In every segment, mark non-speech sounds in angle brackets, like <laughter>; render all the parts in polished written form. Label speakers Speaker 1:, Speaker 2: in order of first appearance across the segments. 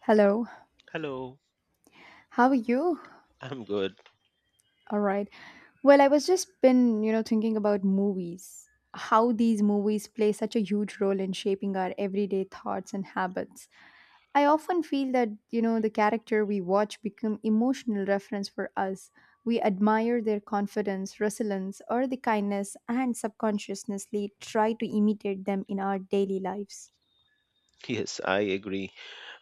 Speaker 1: Hello.
Speaker 2: Hello,
Speaker 1: How are you?
Speaker 2: I'm good.
Speaker 1: All right. Well, I was just been, thinking about movies. How these movies play such a huge role in shaping our everyday thoughts and habits. I often feel that, the character we watch become emotional reference for us. We admire their confidence, resilience, or the kindness and subconsciously try to imitate them in our daily lives.
Speaker 2: Yes, I agree.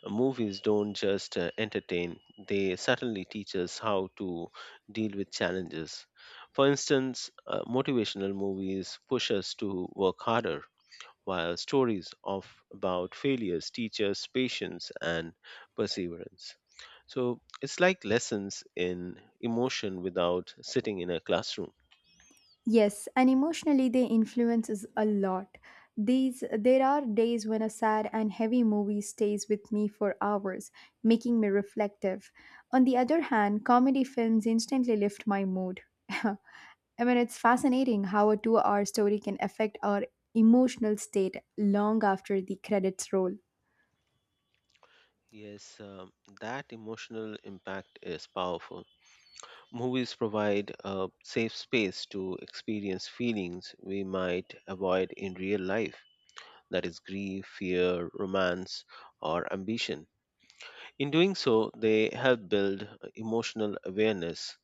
Speaker 2: Movies don't just entertain, they certainly teach us how to deal with challenges. For instance, motivational movies push us to work harder, while stories of about failures teach us patience and perseverance. So it's like lessons in emotion without sitting in a classroom.
Speaker 1: Yes, and emotionally they influence us a lot. These There are days when a sad and heavy movie stays with me for hours, making me reflective. On the other hand, comedy films instantly lift my mood. <laughs> I mean, it's fascinating how a 2-hour story can affect our emotional state long after the credits roll.
Speaker 2: Yes, that emotional impact is powerful. Movies provide a safe space to experience feelings we might avoid in real life, that is, grief, fear, romance, or ambition. In doing so, they help build emotional awareness.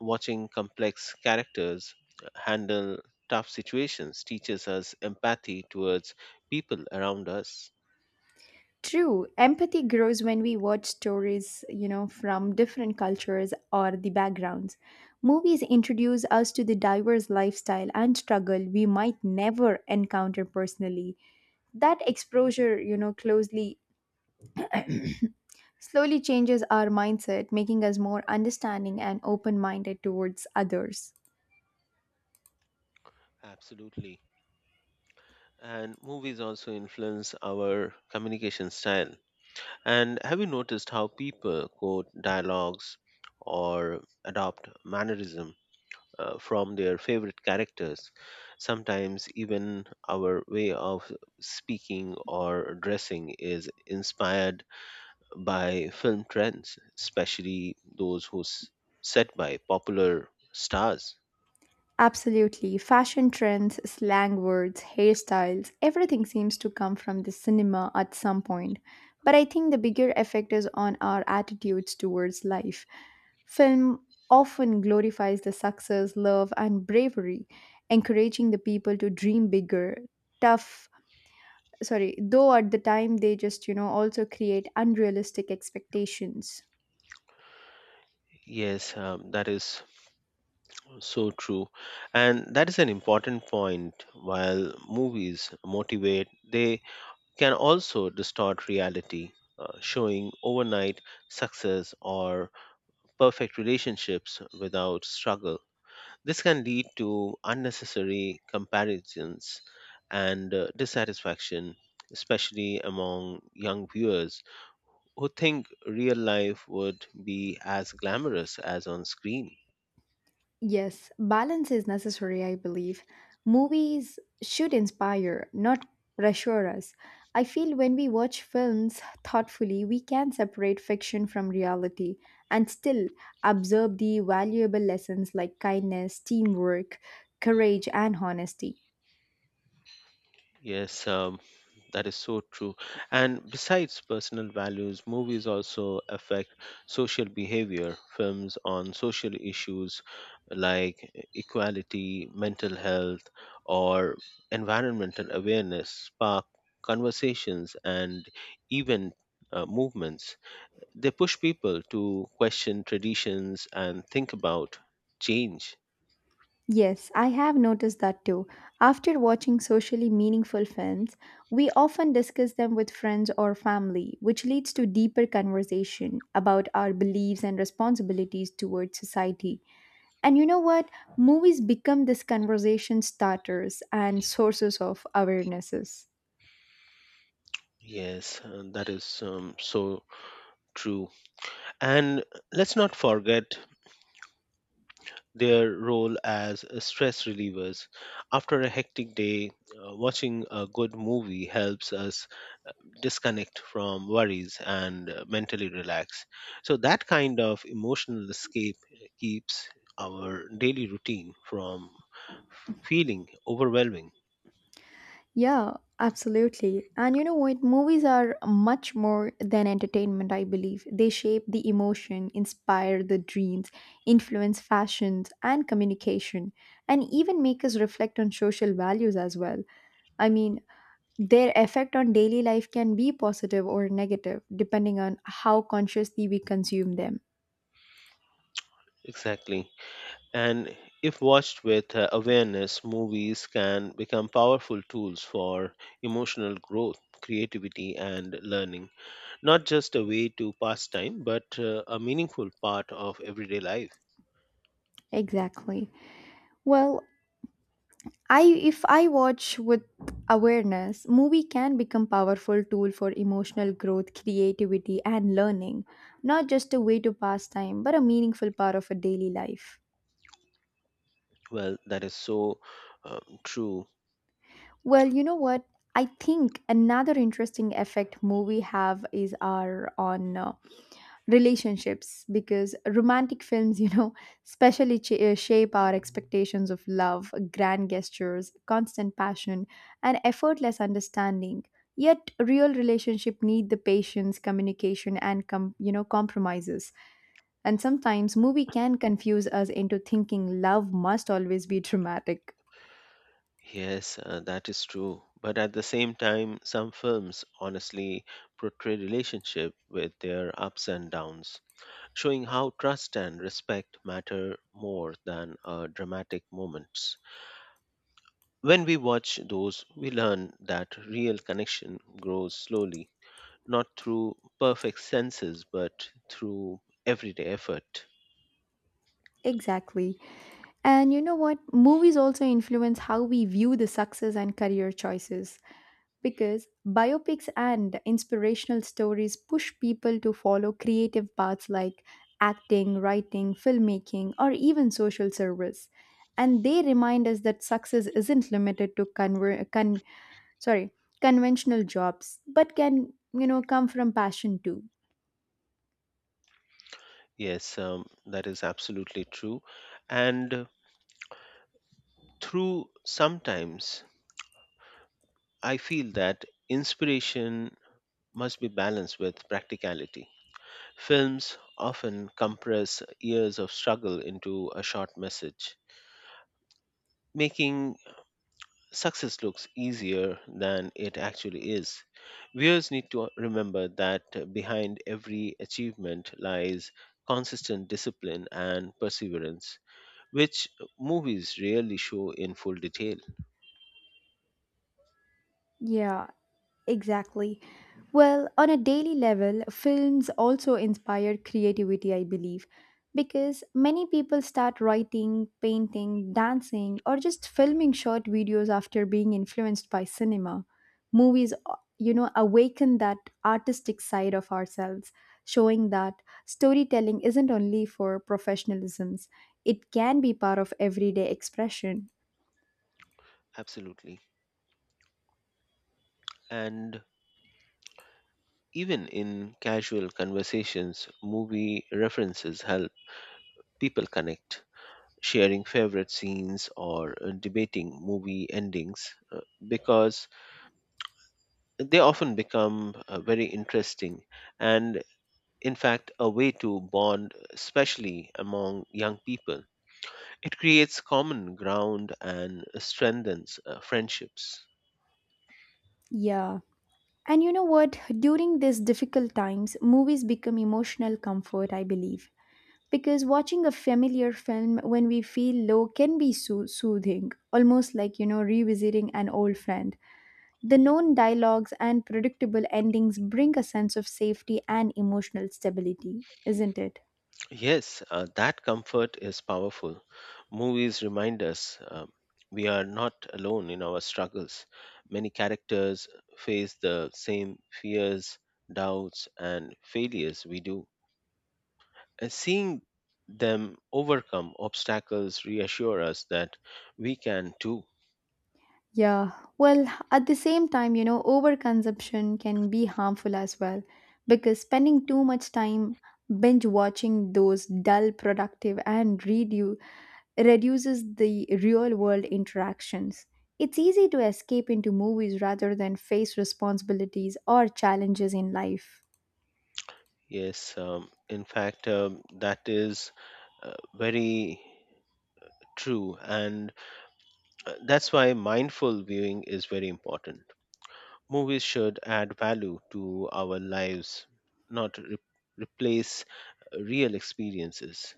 Speaker 2: Watching complex characters handle tough situations teaches us empathy towards people around us.
Speaker 1: True, empathy grows when we watch stories, from different cultures or the backgrounds. Movies introduce us to the diverse lifestyle and struggle we might never encounter personally. That exposure, you know, closely slowly changes our mindset, making us more understanding and open-minded towards others.
Speaker 2: Absolutely. And movies also influence our communication style. And have you noticed how people quote dialogues or adopt mannerism from their favorite characters? Sometimes even our way of speaking or dressing is inspired by film trends, especially those set by popular stars.
Speaker 1: Absolutely. Fashion trends, slang words, hairstyles, everything seems to come from the cinema at some point. But I think the bigger effect is on our attitudes towards life. Film often glorifies the success, love, and bravery, encouraging the people to dream bigger, tough, though at the time they just, also create unrealistic expectations.
Speaker 2: Yes, that is so true. And that is an important point. While movies motivate, they can also distort reality, showing overnight success or perfect relationships without struggle. This can lead to unnecessary comparisons and dissatisfaction, especially among young viewers who think real life would be as glamorous as on screen.
Speaker 1: Yes, balance is necessary, I believe. Movies should inspire, not pressure us. I feel when we watch films thoughtfully, we can separate fiction from reality and still absorb the valuable lessons like kindness, teamwork, courage, and honesty.
Speaker 2: Yes, that is so true. And besides personal values, movies also affect social behavior. Films on social issues like equality, mental health, or environmental awareness spark conversations and even movements. They push people to question traditions and think about change.
Speaker 1: Yes, I have noticed that too. After watching socially meaningful films, we often discuss them with friends or family, which leads to deeper conversation about our beliefs and responsibilities towards society. And you know what? Movies become this conversation starters and sources of awarenesses.
Speaker 2: Yes, that is so true. And let's not forget their role as stress relievers. After a hectic day, watching a good movie helps us disconnect from worries and mentally relax. So, that kind of emotional escape keeps our daily routine from feeling overwhelming.
Speaker 1: Yeah, absolutely. And you know what? Movies are much more than entertainment, I believe. They shape the emotion, inspire the dreams, influence fashions and communication, and even make us reflect on social values as well. I mean, their effect on daily life can be positive or negative, depending on how consciously we consume them.
Speaker 2: Exactly. And if watched with awareness, movies can become powerful tools for emotional growth, creativity, and learning, not just a way to pass time, but a meaningful part of everyday life.
Speaker 1: Exactly. Well, I if I watch with awareness, movie can become powerful tool for emotional growth, creativity and learning, not just a way to pass time, but a meaningful part of a daily life.
Speaker 2: Well, that is so true.
Speaker 1: Well, you know what? I think another interesting effect movie have is are on relationships, because romantic films, <laughs> especially shape our expectations of love, grand gestures, constant passion, and effortless understanding. Yet real relationship need the patience, communication, and compromises. And sometimes movie can confuse us into thinking love must always be dramatic.
Speaker 2: Yes, that is true. But at the same time, some films honestly portray relationship with their ups and downs, showing how trust and respect matter more than dramatic moments. When we watch those, we learn that real connection grows slowly, not through perfect senses, but through everyday effort.
Speaker 1: Exactly. And you know what? Movies also influence how we view the success and career choices, because biopics and inspirational stories push people to follow creative paths like acting, writing, filmmaking, or even social service. And they remind us that success isn't limited to sorry, conventional jobs, but can, come from passion too.
Speaker 2: Yes, that is absolutely true. And through sometimes, I feel that inspiration must be balanced with practicality. Films often compress years of struggle into a short message, making success looks easier than it actually is. Viewers need to remember that behind every achievement lies consistent discipline and perseverance, which movies rarely show in full detail.
Speaker 1: Yeah, exactly. Well, on a daily level, films also inspire creativity, I believe, because many people start writing, painting, dancing, or just filming short videos after being influenced by cinema. Movies, awaken that artistic side of ourselves, showing that storytelling isn't only for professionalisms, it can be part of everyday expression.
Speaker 2: Absolutely. And even in casual conversations, movie references help people connect. Sharing favorite scenes or debating movie endings because they often become very interesting and in fact a way to bond, especially among young people. It creates common ground and strengthens friendships.
Speaker 1: Yeah. And you know what? During these difficult times, movies become emotional comfort, I believe. Because watching a familiar film when we feel low can be so soothing, almost like, revisiting an old friend. The known dialogues and predictable endings bring a sense of safety and emotional stability, isn't it?
Speaker 2: Yes, that comfort is powerful. Movies remind us we are not alone in our struggles. Many characters face the same fears, doubts, and failures we do. Seeing them overcome obstacles reassure us that we can too.
Speaker 1: Yeah, well, at the same time, overconsumption can be harmful as well, because spending too much time binge watching those dull, productive, and reduces the real world interactions. It's easy to escape into movies rather than face responsibilities or challenges in life.
Speaker 2: Yes, in fact, that is very true, and that's why mindful viewing is very important. Movies should add value to our lives, not replace real experiences.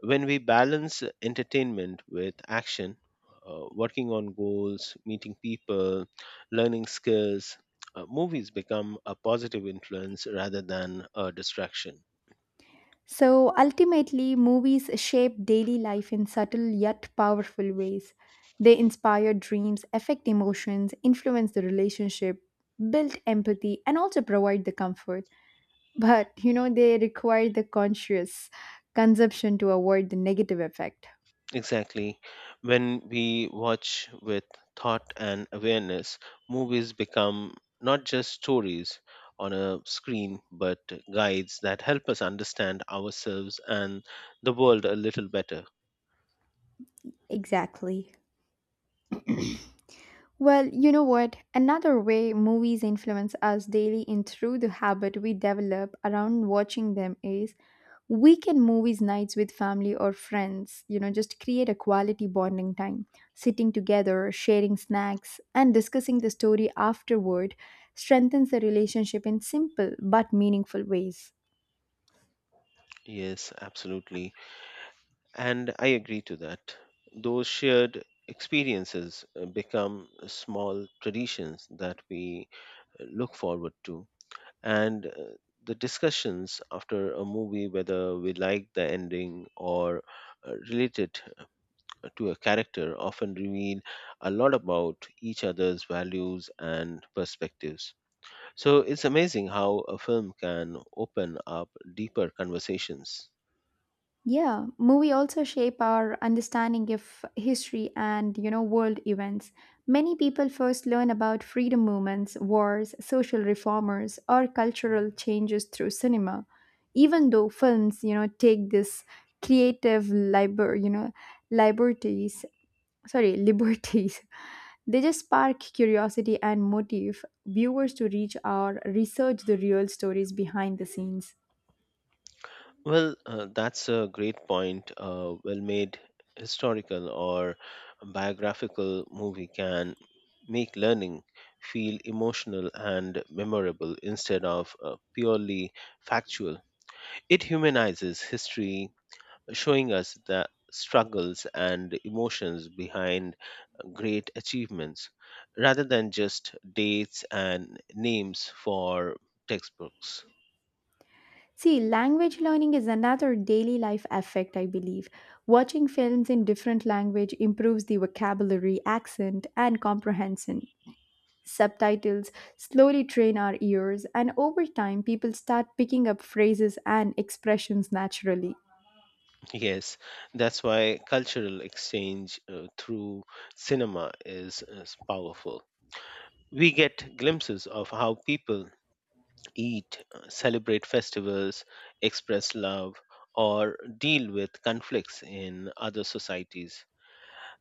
Speaker 2: When we balance entertainment with action, working on goals, meeting people, learning skills, movies become a positive influence rather than a distraction.
Speaker 1: So ultimately, movies shape daily life in subtle yet powerful ways. They inspire dreams, affect emotions, influence the relationship, build empathy, and also provide the comfort. But you know, they require the conscious consumption to avoid the negative effect.
Speaker 2: Exactly. When we watch with thought and awareness, movies become not just stories on a screen, but guides that help us understand ourselves and the world a little better.
Speaker 1: Exactly. Well, you know what? Another way movies influence us daily in through the habit we develop around watching them is weekend movies nights with family or friends. You know, just create a quality bonding time. Sitting together, sharing snacks, and discussing the story afterward strengthens the relationship in simple but meaningful ways.
Speaker 2: Yes, absolutely. And I agree to that. Those shared experiences become small traditions that we look forward to. And the discussions after a movie, whether we like the ending or relate to a character, often reveal a lot about each other's values and perspectives. So it's amazing how a film can open up deeper conversations.
Speaker 1: Yeah, movie also shape our understanding of history and, world events. Many people first learn about freedom movements, wars, social reformers, or cultural changes through cinema. Even though films, take this creative liber, you know, liberties, sorry, <laughs> liberties, they just spark curiosity and motive viewers to reach or research the real stories behind the scenes.
Speaker 2: Well, that's a great point. A well made historical or biographical movie can make learning feel emotional and memorable instead of purely factual. It humanizes history, showing us the struggles and emotions behind great achievements rather than just dates and names for textbooks. <laughs>
Speaker 1: See, language learning is another daily life effect, I believe. Watching films in different language improves the vocabulary, accent, and comprehension. Subtitles slowly train our ears, and over time, people start picking up phrases and expressions naturally.
Speaker 2: Yes, that's why cultural exchange through cinema is powerful. We get glimpses of how people eat, celebrate festivals, express love, or deal with conflicts in other societies.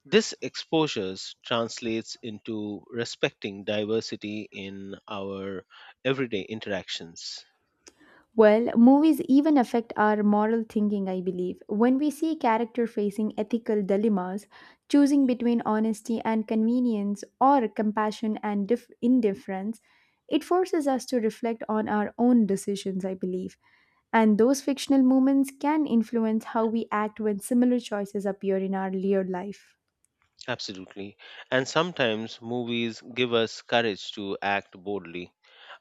Speaker 2: This exposures translates into respecting diversity in our everyday interactions.
Speaker 1: Well, movies even affect our moral thinking, I believe. When we see character facing ethical dilemmas, choosing between honesty and convenience or compassion and indifference, it forces us to reflect on our own decisions, I believe. And those fictional moments can influence how we act when similar choices appear in our real life.
Speaker 2: Absolutely. And sometimes movies give us courage to act boldly.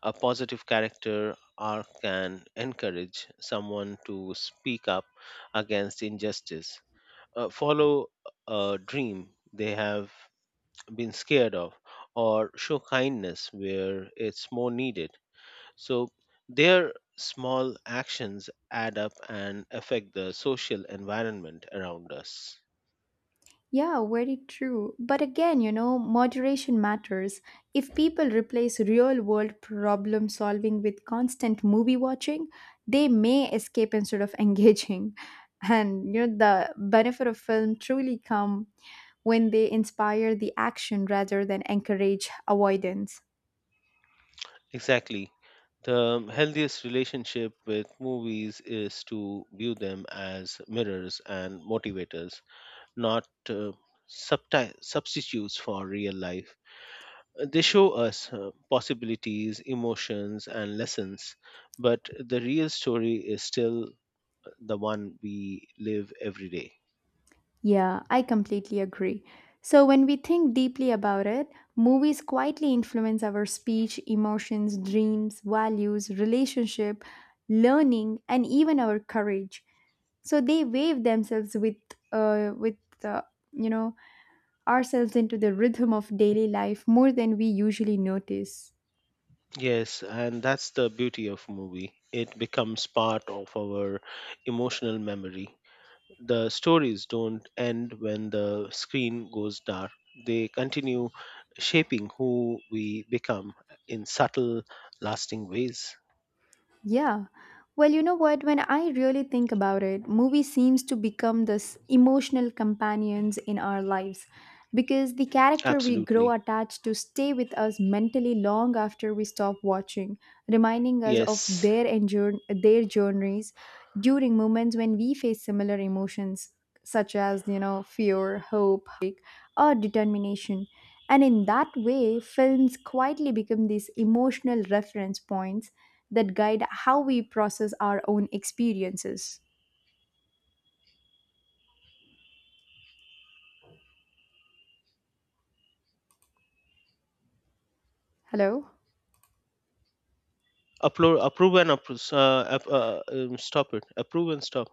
Speaker 2: A positive character arc can encourage someone to speak up against injustice, follow a dream they have been scared of, or show kindness where it's more needed. So their small actions add up and affect the social environment around us.
Speaker 1: Yeah, very true. But again, moderation matters. If people replace real world problem solving with constant movie watching, they may escape instead of <laughs> engaging. And you know, the benefit of film truly come when they inspire the action rather than encourage avoidance.
Speaker 2: Exactly. The healthiest relationship with movies is to view them as mirrors and motivators, not substitutes for real life. They show us possibilities, emotions, and lessons, but the real story is still the one we live every day.
Speaker 1: Yeah, I completely agree. So, when we think deeply about it, movies quietly influence our speech, emotions, dreams, values, relationship, learning, and even our courage. So, they wave themselves uh, with uh, you know, ourselves into the rhythm of daily life more than we usually notice.
Speaker 2: Yes, and that's the beauty of movie. It becomes part of our emotional memory. The stories don't end when the screen goes dark. They continue shaping who we become in subtle, lasting ways.
Speaker 1: Yeah. Well, you know what? When I really think about it, movies seems to become this emotional companions in our lives, because the character we grow
Speaker 2: Absolutely.
Speaker 1: attached to stay with us mentally long after we stop watching, reminding us of
Speaker 2: Yes.
Speaker 1: their journeys during moments when we face similar emotions such as, fear, hope, or determination. And in that way, films quietly become these emotional reference points that guide how we process our own experiences. Hello?
Speaker 2: Upload, approve and appro- app- stop it. Approve and stop.